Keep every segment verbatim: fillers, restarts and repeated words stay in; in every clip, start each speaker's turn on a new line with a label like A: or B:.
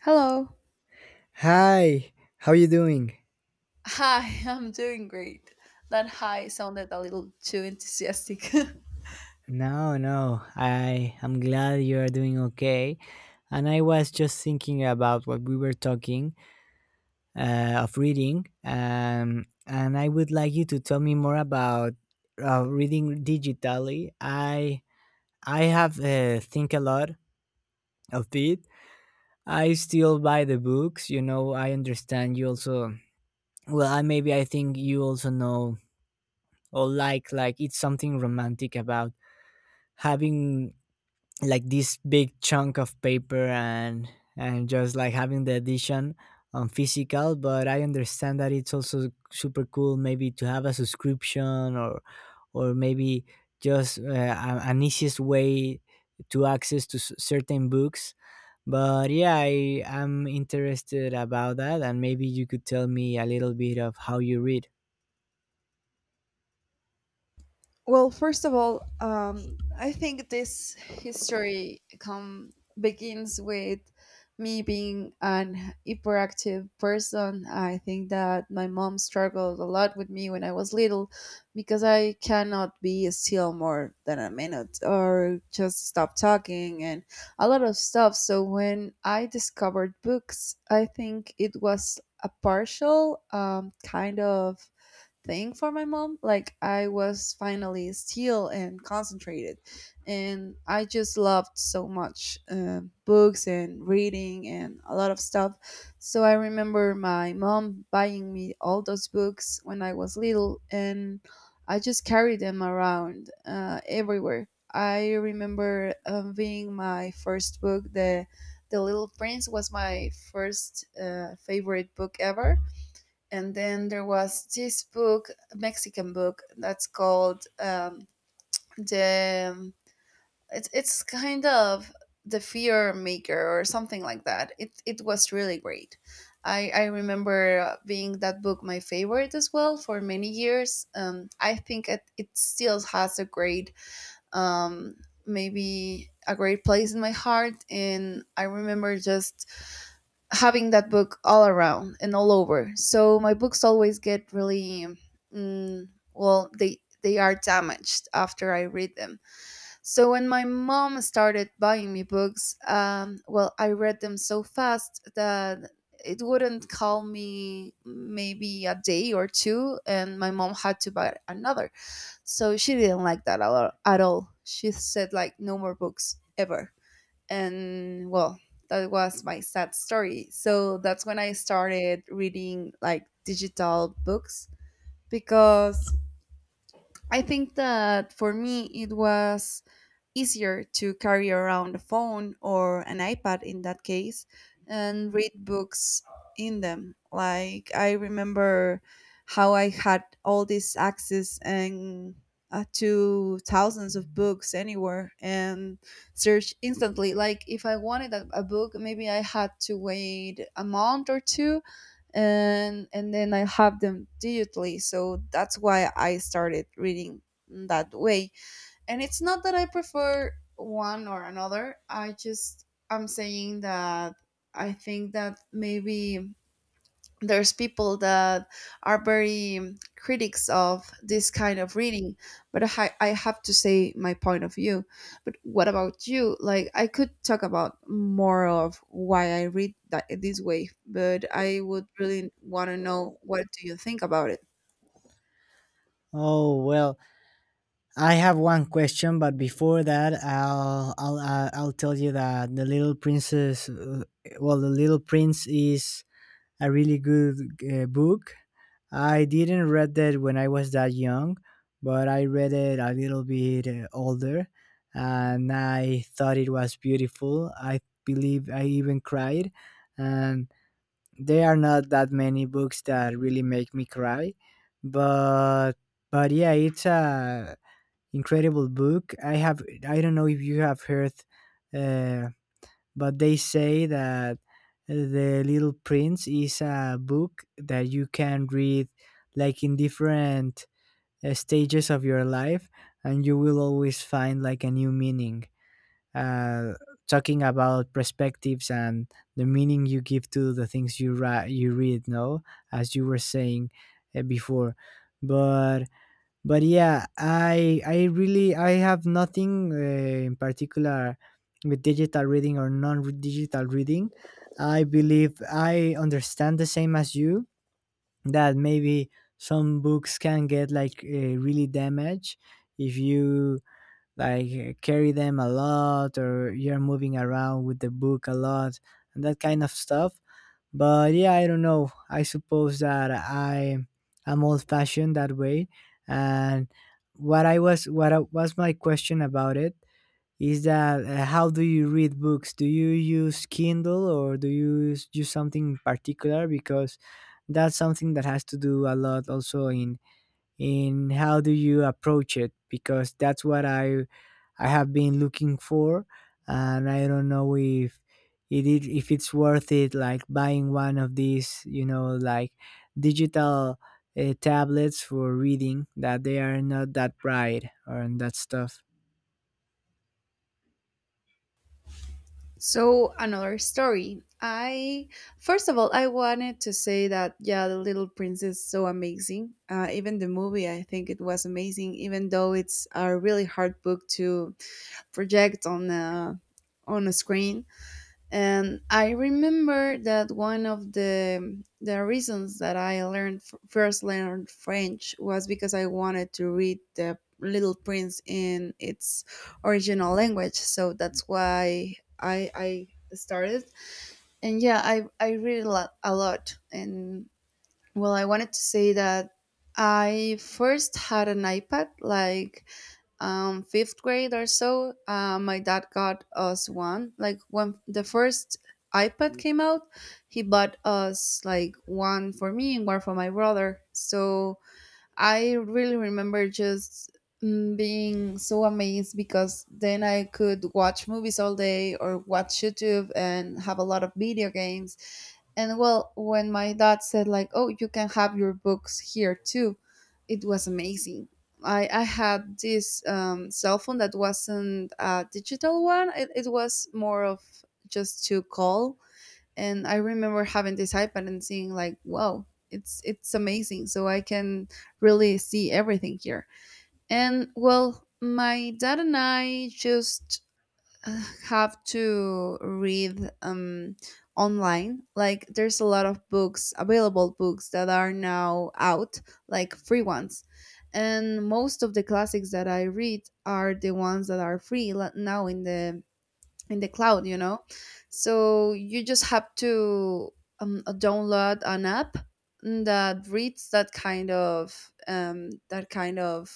A: Hello.
B: Hi, how you doing?
A: Hi, I'm doing great. That hi sounded a little too enthusiastic.
B: No, no, I I'm glad you are doing okay. And I was just thinking about what we were talking uh, of reading, um, and I would like you to tell me more about uh, reading digitally. I I have uh, think a lot of it. I still buy the books, you know. I understand you also. Well, I maybe I think you also know, or like like it's something romantic about having like this big chunk of paper, and and just like having the edition on physical. But I understand that it's also super cool, maybe to have a subscription, or or maybe just uh, a- an easiest way to access to s- certain books. But yeah, I am interested about that, and maybe you could tell me a little bit of how you read.
A: Well, first of all, um, I think this history come begins with me being an hyperactive person. I think that my mom struggled a lot with me when I was little, because I cannot be still more than a minute or just stop talking and a lot of stuff. So when I discovered books, I think it was a partial um, kind of thing for my mom. Like I was finally still and concentrated, and I just loved so much um books and reading and a lot of stuff. So I remember my mom buying me all those books when I was little, and I just carried them around, uh, everywhere. I remember um, being my first book. The The Little Prince was my first uh, favorite book ever, and then there was this book, Mexican book, that's called um, the. It's it's kind of the Fear Maker or something like that. It it was really great. I I remember being that book my favorite as well for many years. Um, I think it it still has a great um maybe a great place in my heart, and I remember just having that book all around and all over. So my books always get really mm, well, they they are damaged after I read them. So when my mom started buying me books, um, well, I read them so fast that it wouldn't call me maybe a day or two, and my mom had to buy another. So she didn't like that a lot at all. She said like no more books ever. And well, that was my sad story. So that's when I started reading like digital books, because I think that for me it was easier to carry around a phone or an iPad in that case and read books in them. Like I remember how I had all this access and uh, to thousands of books anywhere and search instantly. Like if I wanted a, a book, maybe I had to wait a month or two, and and then I have them digitally. So that's why I started reading that way, and it's not that I prefer one or another. I just, I'm saying that I think that maybe there's people that are very critics of this kind of reading, but I, ha- I have to say my point of view. But what about you? Like I could talk about more of why I read that this way, but I would really want to know what do you think about it.
B: Oh, well, I have one question, but before that, I'll I'll uh, I'll tell you that the Little Princess, uh, well, the Little Prince is a really good uh, book. I didn't read that when I was that young, but I read it a little bit uh, older, and I thought it was beautiful. I believe I even cried, and there are not that many books that really make me cry, but but yeah, it's a incredible book. I have I don't know if you have heard, uh, but they say that the Little Prince is a book that you can read like in different uh, stages of your life, and you will always find like a new meaning. Uh, Talking about perspectives and the meaning you give to the things you ri- you read. No, as you were saying uh, before, but but yeah, i i really i have nothing uh, in particular with digital reading or non-digital reading. I believe I understand the same as you, that maybe some books can get like uh, really damaged if you like uh, carry them a lot, or you're moving around with the book a lot and that kind of stuff. But yeah, I don't know. I suppose that I am old fashioned that way. And what I was what I, was my question about it is that, uh, how do you read books? Do you use Kindle, or do you use, use something in particular? Because that's something that has to do a lot also in. And how do you approach it? Because that's what i i have been looking for, and I don't know if it is if it's worth it, like buying one of these, you know like digital uh, tablets for reading that they are not that bright or that stuff.
A: So another story. I First of all, I wanted to say that yeah, The Little Prince is so amazing. Uh, even the movie, I think it was amazing, even though it's a really hard book to project on a on a screen. And I remember that one of the the reasons that I learned first learned French was because I wanted to read the Little Prince in its original language. So that's why I I started. And yeah, I I read a lot, a lot. And well, I wanted to say that I first had an iPad like um, fifth grade or so, uh, my dad got us one. Like when the first iPad came out, he bought us like one for me and one for my brother. So I really remember just mm, being so amazed because then I could watch movies all day or watch YouTube and have a lot of video games. And well, when my dad said like, "Oh, you can have your books here too," it was amazing. I, I had this um, cell phone that wasn't a digital one. It, it was more of just to call. And I remember having this iPad and seeing like, wow, it's it's amazing. So I can really see everything here. And well, my dad and I just uh, have to read um, online. Like there's a lot of books, available books that are now out, like free ones. And most of the classics that I read are the ones that are free la- now in the in the cloud, you know. So you just have to um, download an app that reads that kind of um, that kind of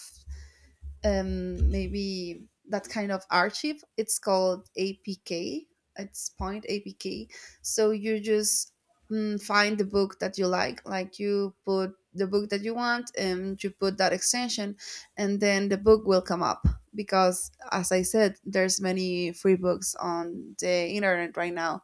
A: um, maybe that kind of archive. It's called A P K. It's point A P K. So you just mm, find the book that you like. Like you put the book that you want, and you put that extension, and then the book will come up. Because as I said, there's many free books on the internet right now,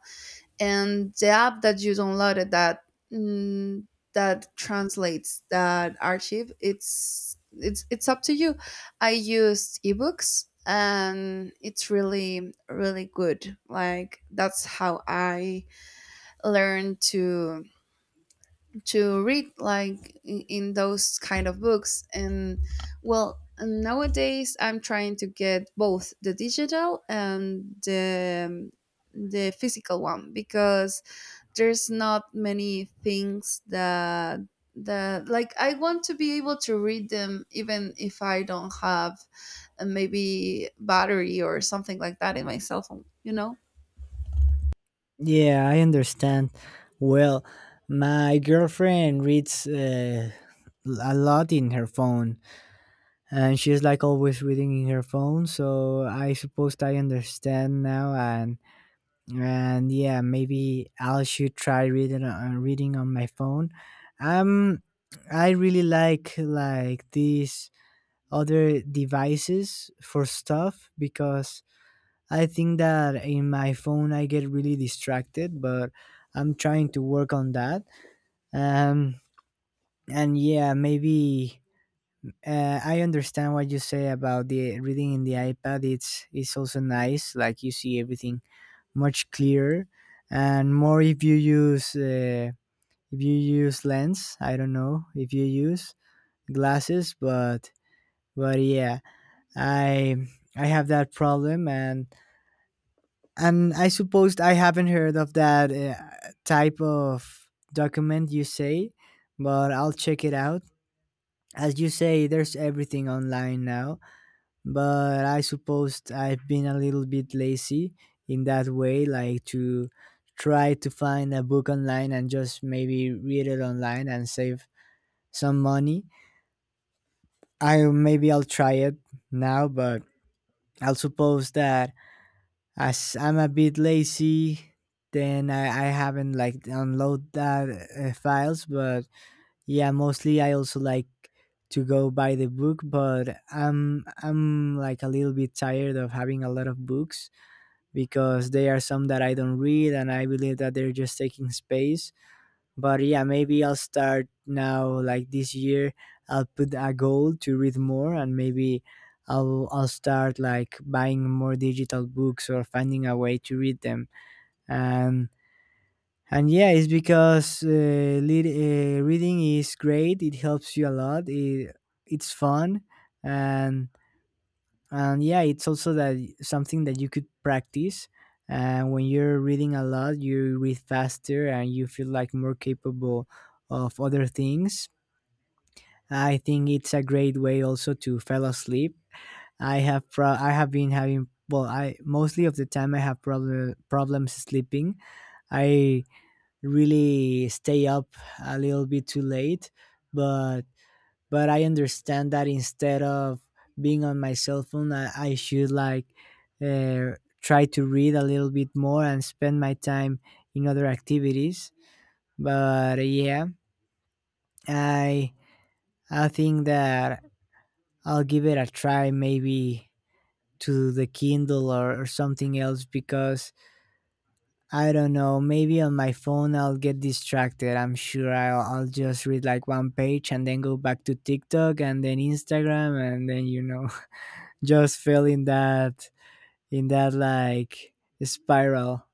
A: and the app that you downloaded that mm, that translates that archive, it's it's it's up to you. I used ebooks and it's really really good. Like that's how I learned to to read like in, in those kind of books. And well, nowadays I'm trying to get both the digital and the the physical one, because there's not many things that that like I want to be able to read them even if I don't have, uh, maybe battery or something like that in my cell phone, you know?
B: Yeah, I understand. Well, my girlfriend reads uh, a lot in her phone, and she's like always reading in her phone, so I suppose I understand now. And and yeah, maybe I should try reading uh, reading on my phone. um I really like like these other devices for stuff because I think that in my phone I get really distracted, but I'm trying to work on that. um and yeah, maybe uh, I understand what you say about the reading in the iPad. It's it's also nice. Like you see everything much clearer, and more if you use uh, if you use lens. I don't know if you use glasses, but but yeah, I I have that problem, and and I suppose I haven't heard of that uh, type of document you say, but I'll check it out. As you say, there's everything online now, but I suppose I've been a little bit lazy in that way, like to try to find a book online and just maybe read it online and save some money. I maybe I'll try it now, but I'll suppose that as I'm a bit lazy, then I, I haven't like download that uh, files. But yeah, mostly I also like to go buy the book, but i'm i'm like a little bit tired of having a lot of books because they are some that I don't read, and I believe that they're just taking space. But yeah, maybe I'll start now, like this year I'll put a goal to read more, and maybe I'll I'll start like buying more digital books or finding a way to read them. And and yeah, it's because uh, lead, uh, reading is great. It helps you a lot. It, it's fun. And and yeah, it's also that something that you could practice. And when you're reading a lot, you read faster and you feel like more capable of other things. I think it's a great way also to fall asleep. i have pro- I have been having, well, I mostly of the time I have problem problems sleeping. I really stay up a little bit too late, but but I understand that instead of being on my cell phone, I, I should like uh, try to read a little bit more and spend my time in other activities. But yeah, I I think that I'll give it a try, maybe to the Kindle, or, or something else. Because I don't know, maybe on my phone I'll get distracted. I'm sure I'll, I'll just read like one page and then go back to TikTok and then Instagram and then, you know. Just fell in that in that like, spiral.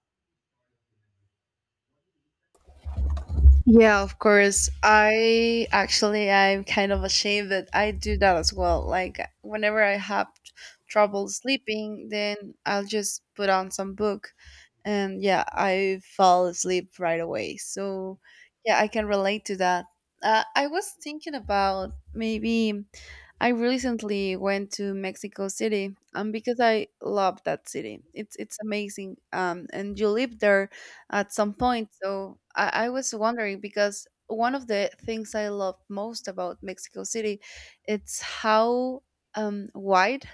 A: Yeah, of course. I actually, I'm kind of ashamed that I do that as well. Like whenever I have t- trouble sleeping, then I'll just put on some book, and yeah, I fall asleep right away. So, yeah, I can relate to that. Uh, I was thinking about maybe I recently went to Mexico City um, because I love that city. It's it's amazing. Um, and you live there at some point. So I, I was wondering, because one of the things I love most about Mexico City, it's how um, wide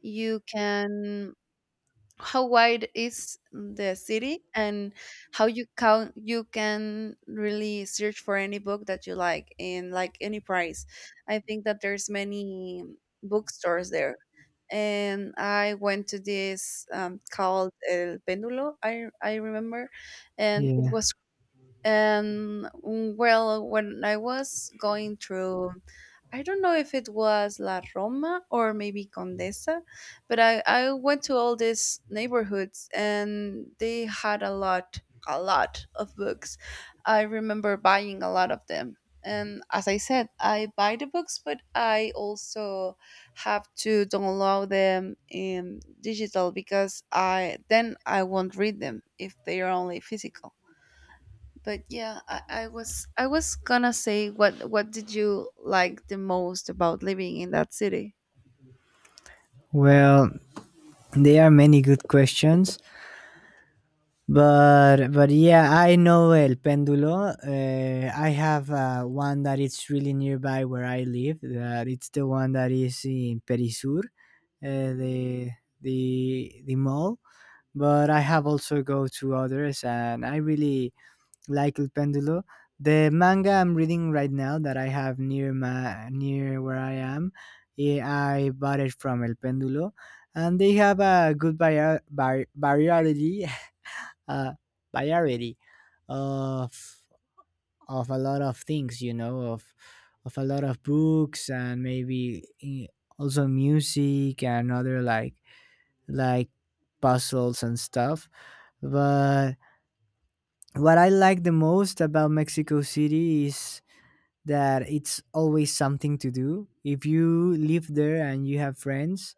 A: you can how wide is the city, and how you count you can really search for any book that you like in like any price. I think that there's many bookstores there, and I went to this, um, called El pendulo i i remember. And it
B: Yeah.
A: was, and mm, well, when I was going through, I don't know if it was La Roma or maybe Condesa, but I, I went to all these neighborhoods and they had a lot, a lot of books. I remember buying a lot of them. And as I said, I buy the books, but I also have to download them in digital, because I then I won't read them if they are only physical. But yeah, I, I was i was gonna say, what what did you like the most about living in that city?
B: Well, there are many good questions, but but yeah, I know El Péndulo. Uh, I have uh, one that it's really nearby where I live. That it's the one that is in Perisur, uh, the the the mall. But I have also go to others, and I really like El Pendulo. The manga I'm reading right now that I have near my near where I am, eh, I bought it from El Pendulo, and they have a good vari- vari- variety, uh, variety of of a lot of things, you know, of of a lot of books and maybe eh, also music and other like like puzzles and stuff. But what I like the most about Mexico City is that it's always something to do. If you live there and you have friends,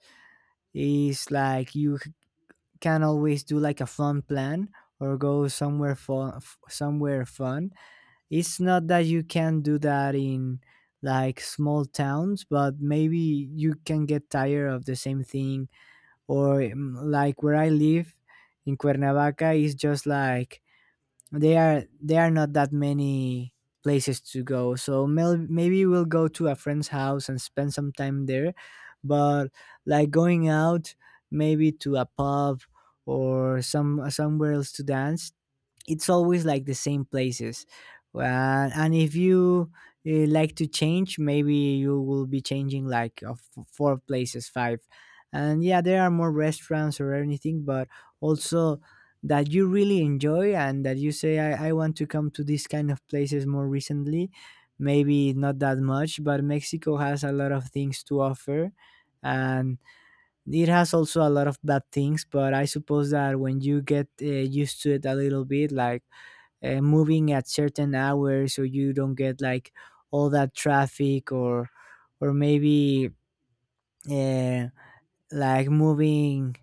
B: it's like you c- can always do like a fun plan or go somewhere fun, f- somewhere fun. It's not that you can do that in like small towns, but maybe you can get tired of the same thing. Or mm, like where I live in Cuernavaca is just like they are there are not that many places to go, so mel- maybe we'll go to a friend's house and spend some time there. But like going out, maybe to a pub or some somewhere else to dance, it's always like the same places. Uh, and if you uh, like to change, maybe you will be changing like uh, f- four places, five. And yeah, there are more restaurants or anything, but also that you really enjoy and that you say, i, I want to come to these kind of places more recently, maybe not that much. But Mexico has a lot of things to offer, and it has also a lot of bad things. But I suppose that when you get uh, used to it a little bit, like uh, moving at certain hours so you don't get like all that traffic, or or maybe uh, like moving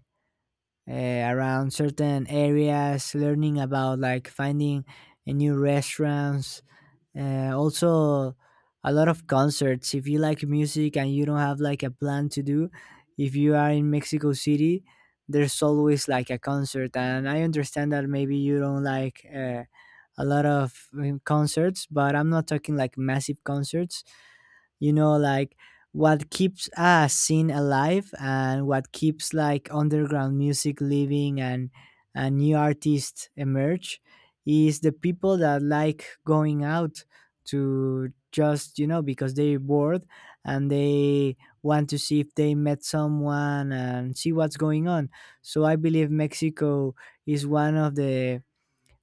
B: uh, around certain areas, learning about like finding a new restaurants. Uh, also a lot of concerts, if you like music and you don't have like a plan to do, if you are in Mexico City, there's always like a concert. And I understand that maybe you don't like uh, a lot of um, concerts, but I'm not talking like massive concerts, you know, like what keeps a scene alive and what keeps like underground music living. And and new artists emerge is the people that like going out to just, you know, because they're bored and they want to see if they met someone and see what's going on. So I believe mexico is one of the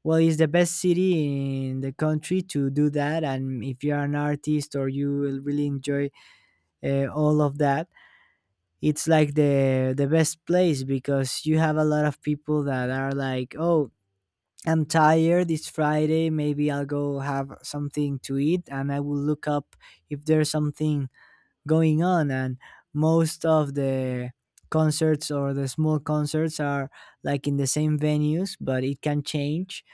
B: well, it's the best city in the country to do that. And if you're an artist, or you will really enjoy uh, all of that, it's like the the best place because you have a lot of people that are like, oh, I'm tired. It's Friday. Maybe I'll go have something to eat, and I will look up if there's something going on. And most of the concerts or the small concerts are like in the same venues, but it can change.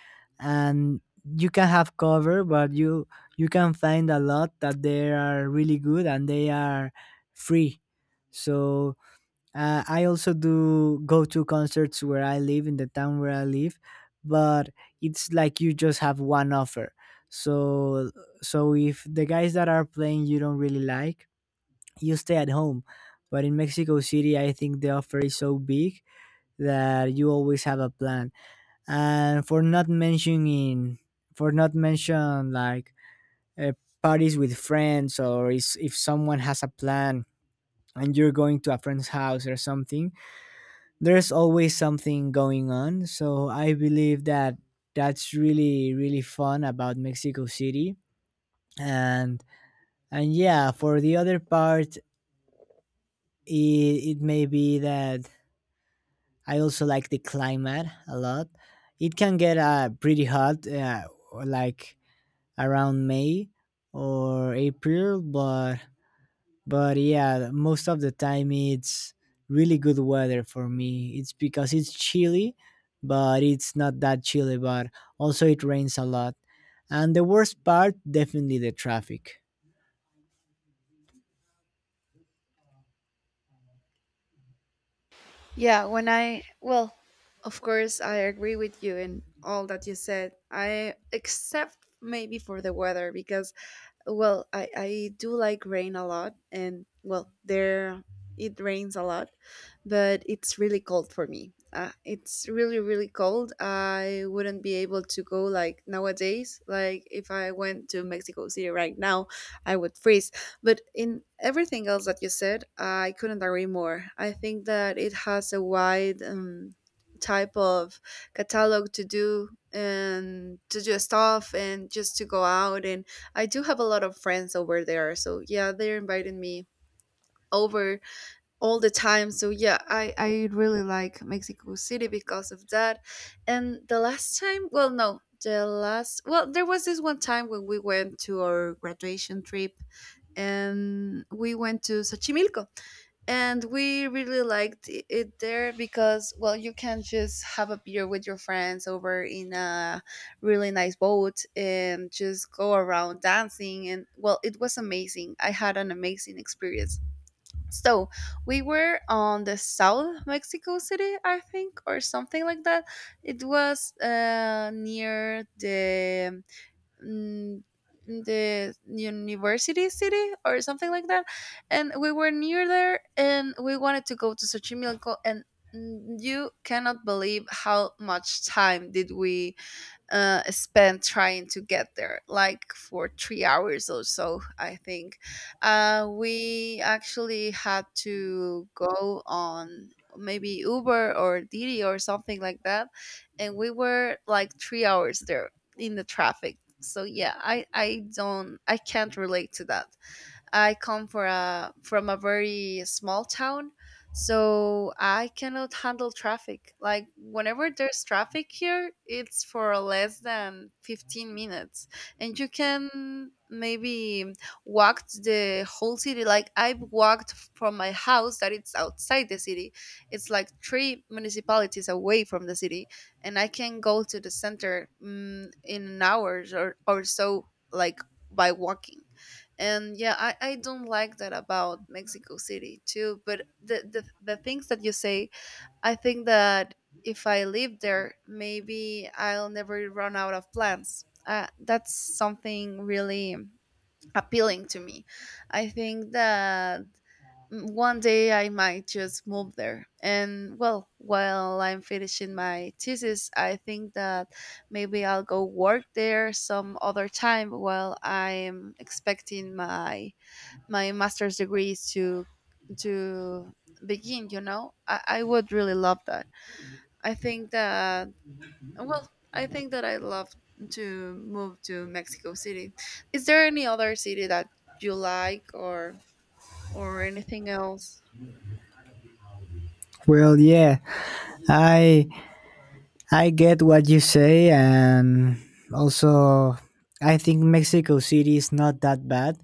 B: And you can have cover, but you you can find a lot that they are really good and they are free. So uh, I also do go to concerts where I live, in the town where I live. But it's like you just have one offer, so so if the guys that are playing you don't really like, you stay at home. But in Mexico City, I think the offer is so big that you always have a plan. And for not mentioning, for not mention like uh, parties with friends, or is, if someone has a plan and you're going to a friend's house or something, there's always something going on. So I believe that that's really really fun about Mexico City. And and yeah, for the other part, it, it may be that I also like the climate a lot. It can get uh, pretty hot, uh, like around May or April, but but yeah, most of the time it's really good weather for me. It's because it's chilly, but it's not that chilly. But also it rains a lot, and the worst part definitely the traffic.
A: Yeah, when I well, of course, I agree with you in all that you said, I except maybe for the weather, because, well, I, I do like rain a lot, and well, there it rains a lot, but it's really cold for me. Uh, it's really, really cold. I wouldn't be able to go like nowadays. Like, if I went to Mexico City right now, I would freeze. But in everything else that you said, I couldn't agree more. I think that it has a wide um, type of catalog to do, and to do stuff and just to go out, and I do have a lot of friends over there. So yeah, they're inviting me over all the time. So yeah, I, I really like Mexico City because of that. And the last time, well, no, the last, well, there was this one time when we went to our graduation trip, and we went to Xochimilco, and we really liked i- it there, because, well, you can just have a beer with your friends over in a really nice boat and just go around dancing. And well, it was amazing. I had an amazing experience. So we were on the south Mexico City, I think, or something like that. It was uh, near the mm, the university city or something like that. And we were near there and we wanted to go to Xochimilco, and mm, you cannot believe how much time did we uh, spent trying to get there, like for three hours or so, I think. Uh, we actually had to go on maybe Uber or Didi or something like that, and we were like three hours there in the traffic. So yeah, I I don't, I can't relate to that. I come for a, from a very small town, so I cannot handle traffic. Like whenever there's traffic here, it's for less than fifteen minutes, and you can maybe walk the whole city. Like I've walked from my house that it's outside the city. It's like three municipalities away from the city, and I can go to the center, mm, in an hour or, or so, like, by walking. And yeah, I, I don't like that about Mexico City too, but the, the the things that you say, I think that if I live there, maybe I'll never run out of plants, uh, that's something really appealing to me. I think that one day I might just move there. And well, while I'm finishing my thesis, I think that maybe I'll go work there some other time while I'm expecting my my master's degree is to to begin you know I, I would really love that. I think that, well, I think that I love to move to Mexico City. Is there any other city that you like, or or anything else?
B: Well, yeah, I I get what you say, and also I think Mexico City is not that bad.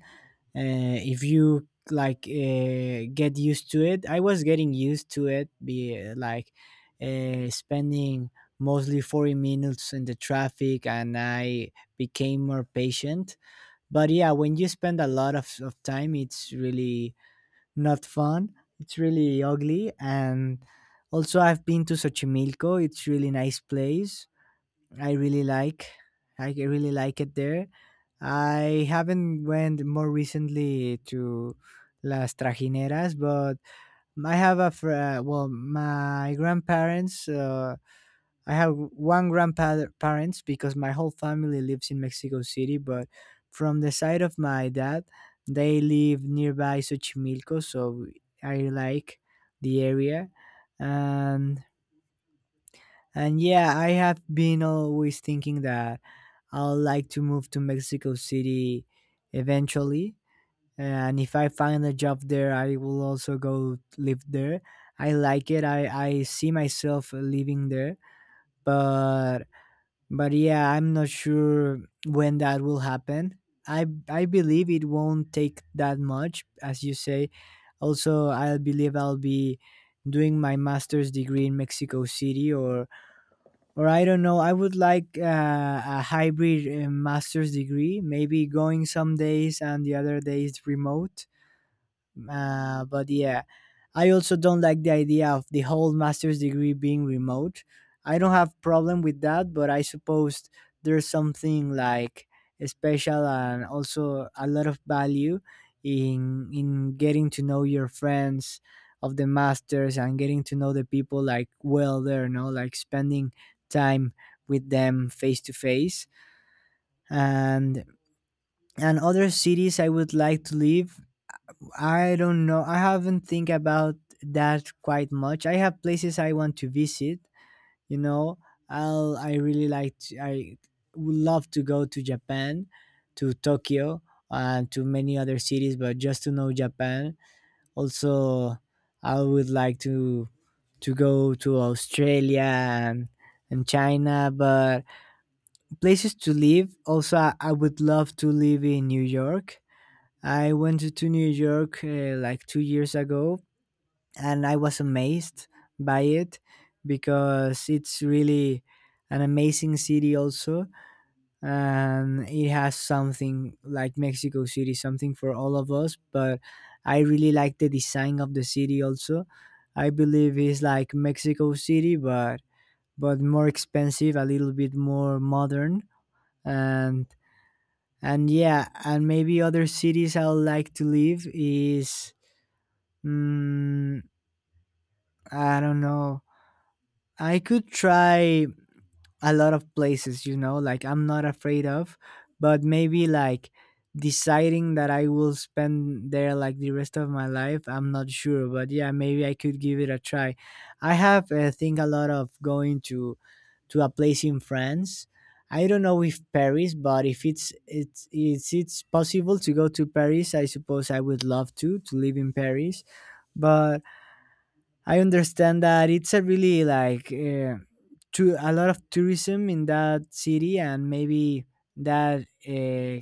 B: Uh, if you like uh, get used to it, I was getting used to it. Be like uh, spending mostly forty minutes in the traffic, and I became more patient. But yeah, when you spend a lot of, of time, it's really not fun. It's really ugly. And also, I've been to Xochimilco. It's really nice place. I really like. I really like it there. I haven't went more recently to Las Trajineras, but I have a fr- uh, well, my grandparents. Uh, I have one grandparents because my whole family lives in Mexico City, but from the side of my dad, they live nearby Xochimilco, so I like the area. And and yeah, I have been always thinking that I'll like to move to Mexico City eventually. And if I find a job there, I will also go live there. I like it. I, I see myself living there, but but yeah, I'm not sure when that will happen. I i believe it won't take that much as you say. Also, I believe I'll be doing my master's degree in Mexico City, or or I don't know. I would like uh, a hybrid uh, master's degree, maybe going some days and the other days remote. Uh, but yeah, I also don't like the idea of the whole master's degree being remote. I don't have problem with that, but I suppose there's something like special and also a lot of value in in getting to know your friends of the masters and getting to know the people, like well there, no, like spending time with them face to face. And and other cities I would like to live, I don't know. I haven't think about that quite much. I have places I want to visit. You know, I'll. I really like. To, I would love to go to Japan, to Tokyo, and to many other cities. But just to know Japan. Also, I would like to to go to Australia and and China. But places to live. Also, I, I would love to live in New York. I went to New York uh, like two years ago, and I was amazed by it because it's really an amazing city, also, and it has something like Mexico City, something for all of us. But I really like the design of the city, also. I believe it's like Mexico City, but but more expensive, a little bit more modern, and and yeah, and maybe other cities I would like to live is Mm, I don't know. I could try a lot of places, you know, like I'm not afraid of, but maybe like deciding that I will spend there like the rest of my life, I'm not sure, but yeah, maybe I could give it a try. I have uh, think a lot of going to to a place in France. I don't know if Paris, but if it's it's it's it's possible to go to Paris, I suppose I would love to to live in Paris. But I understand that it's a really like uh, to a lot of tourism in that city, and maybe that uh,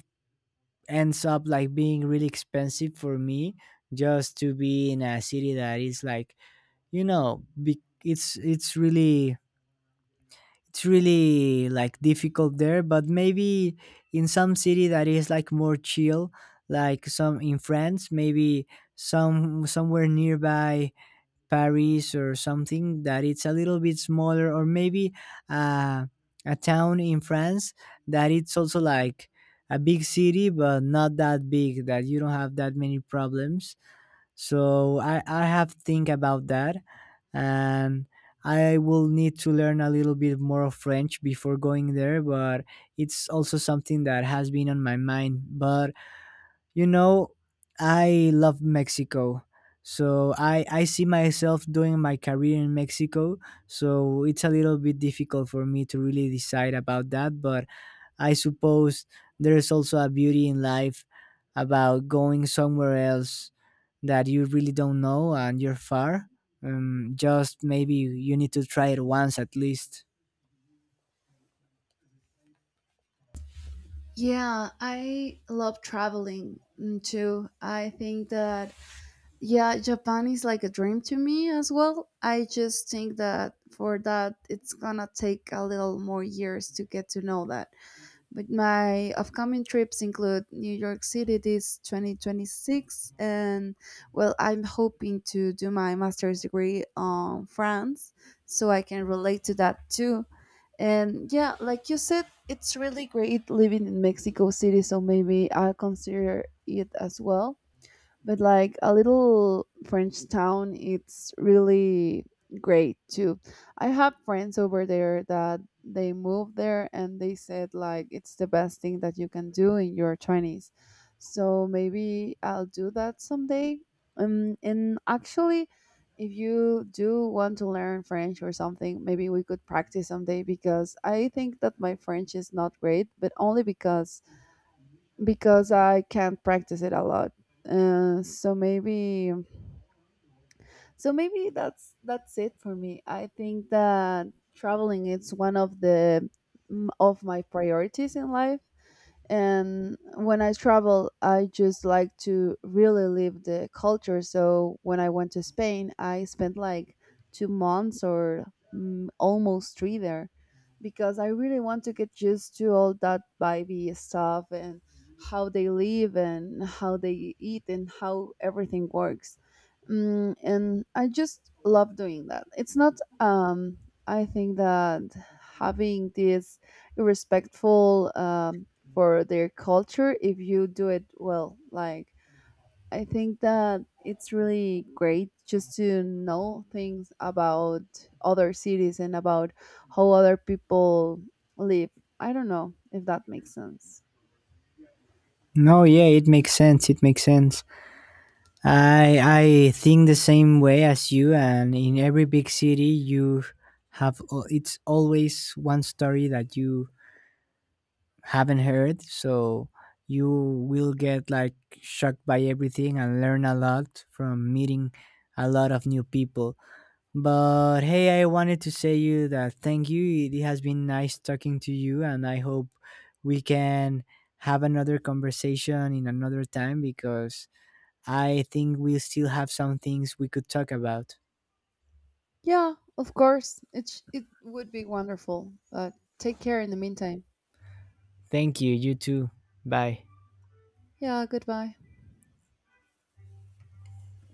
B: ends up like being really expensive for me just to be in a city that is like, you know, be- it's it's really it's really like difficult there, but maybe in some city that is like more chill, like some in France, maybe some somewhere nearby Paris or something that it's a little bit smaller, or maybe uh, a town in France that it's also like a big city but not that big that you don't have that many problems. So I, I have to think about that, and I will need to learn a little bit more of French before going there, but it's also something that has been on my mind. But you know, I love Mexico. So I I see myself doing my career in Mexico. So it's a little bit difficult for me to really decide about that, but I suppose there is also a beauty in life about going somewhere else that you really don't know and you're far. Um, just maybe you need to try it once at least.
A: Yeah, I love traveling, mm, too. I think that yeah, Japan is like a dream to me as well. I just think that for that it's gonna take a little more years to get to know that. But my upcoming trips include New York City this twenty twenty-six, and well, I'm hoping to do my master's degree on France, so I can relate to that too. And yeah, like you said, it's really great living in Mexico City, so maybe I'll consider it as well, but like a little French town, it's really great too. I have friends over there that they moved there and they said like it's the best thing that you can do in your twenties. So maybe I'll do that someday. Um, and actually, if you do want to learn French or something, maybe we could practice someday, because I think that my French is not great, but only because because I can't practice it a lot. Uh, so maybe so maybe that's that's it for me. I think that traveling is one of the mm, of my priorities in life. And when I travel, I just like to really live the culture. So when I went to Spain, I spent like two months or mm, almost three there, because I really want to get used to all that vibey stuff and how they live and how they eat and how everything works. Mm, and I just love doing that. It's not um I think that having this respectful, um, for their culture if you do it well. Like, I think that it's really great just to know things about other cities and about how other people live. I don't know if that makes sense.
B: No, yeah, it makes sense. It makes sense. I I think the same way as you, and in every big city, you have al- it's always one story that you haven't heard, so you will get like shocked by everything and learn a lot from meeting a lot of new people. But hey, I wanted to say you that thank you. It has been nice talking to you, and I hope we can have another conversation in another time because I think we still have some things we could talk about.
A: Yeah, of course. It, sh- it would be wonderful. But take care in the meantime.
B: Thank you, you too. Bye.
A: Yeah, goodbye.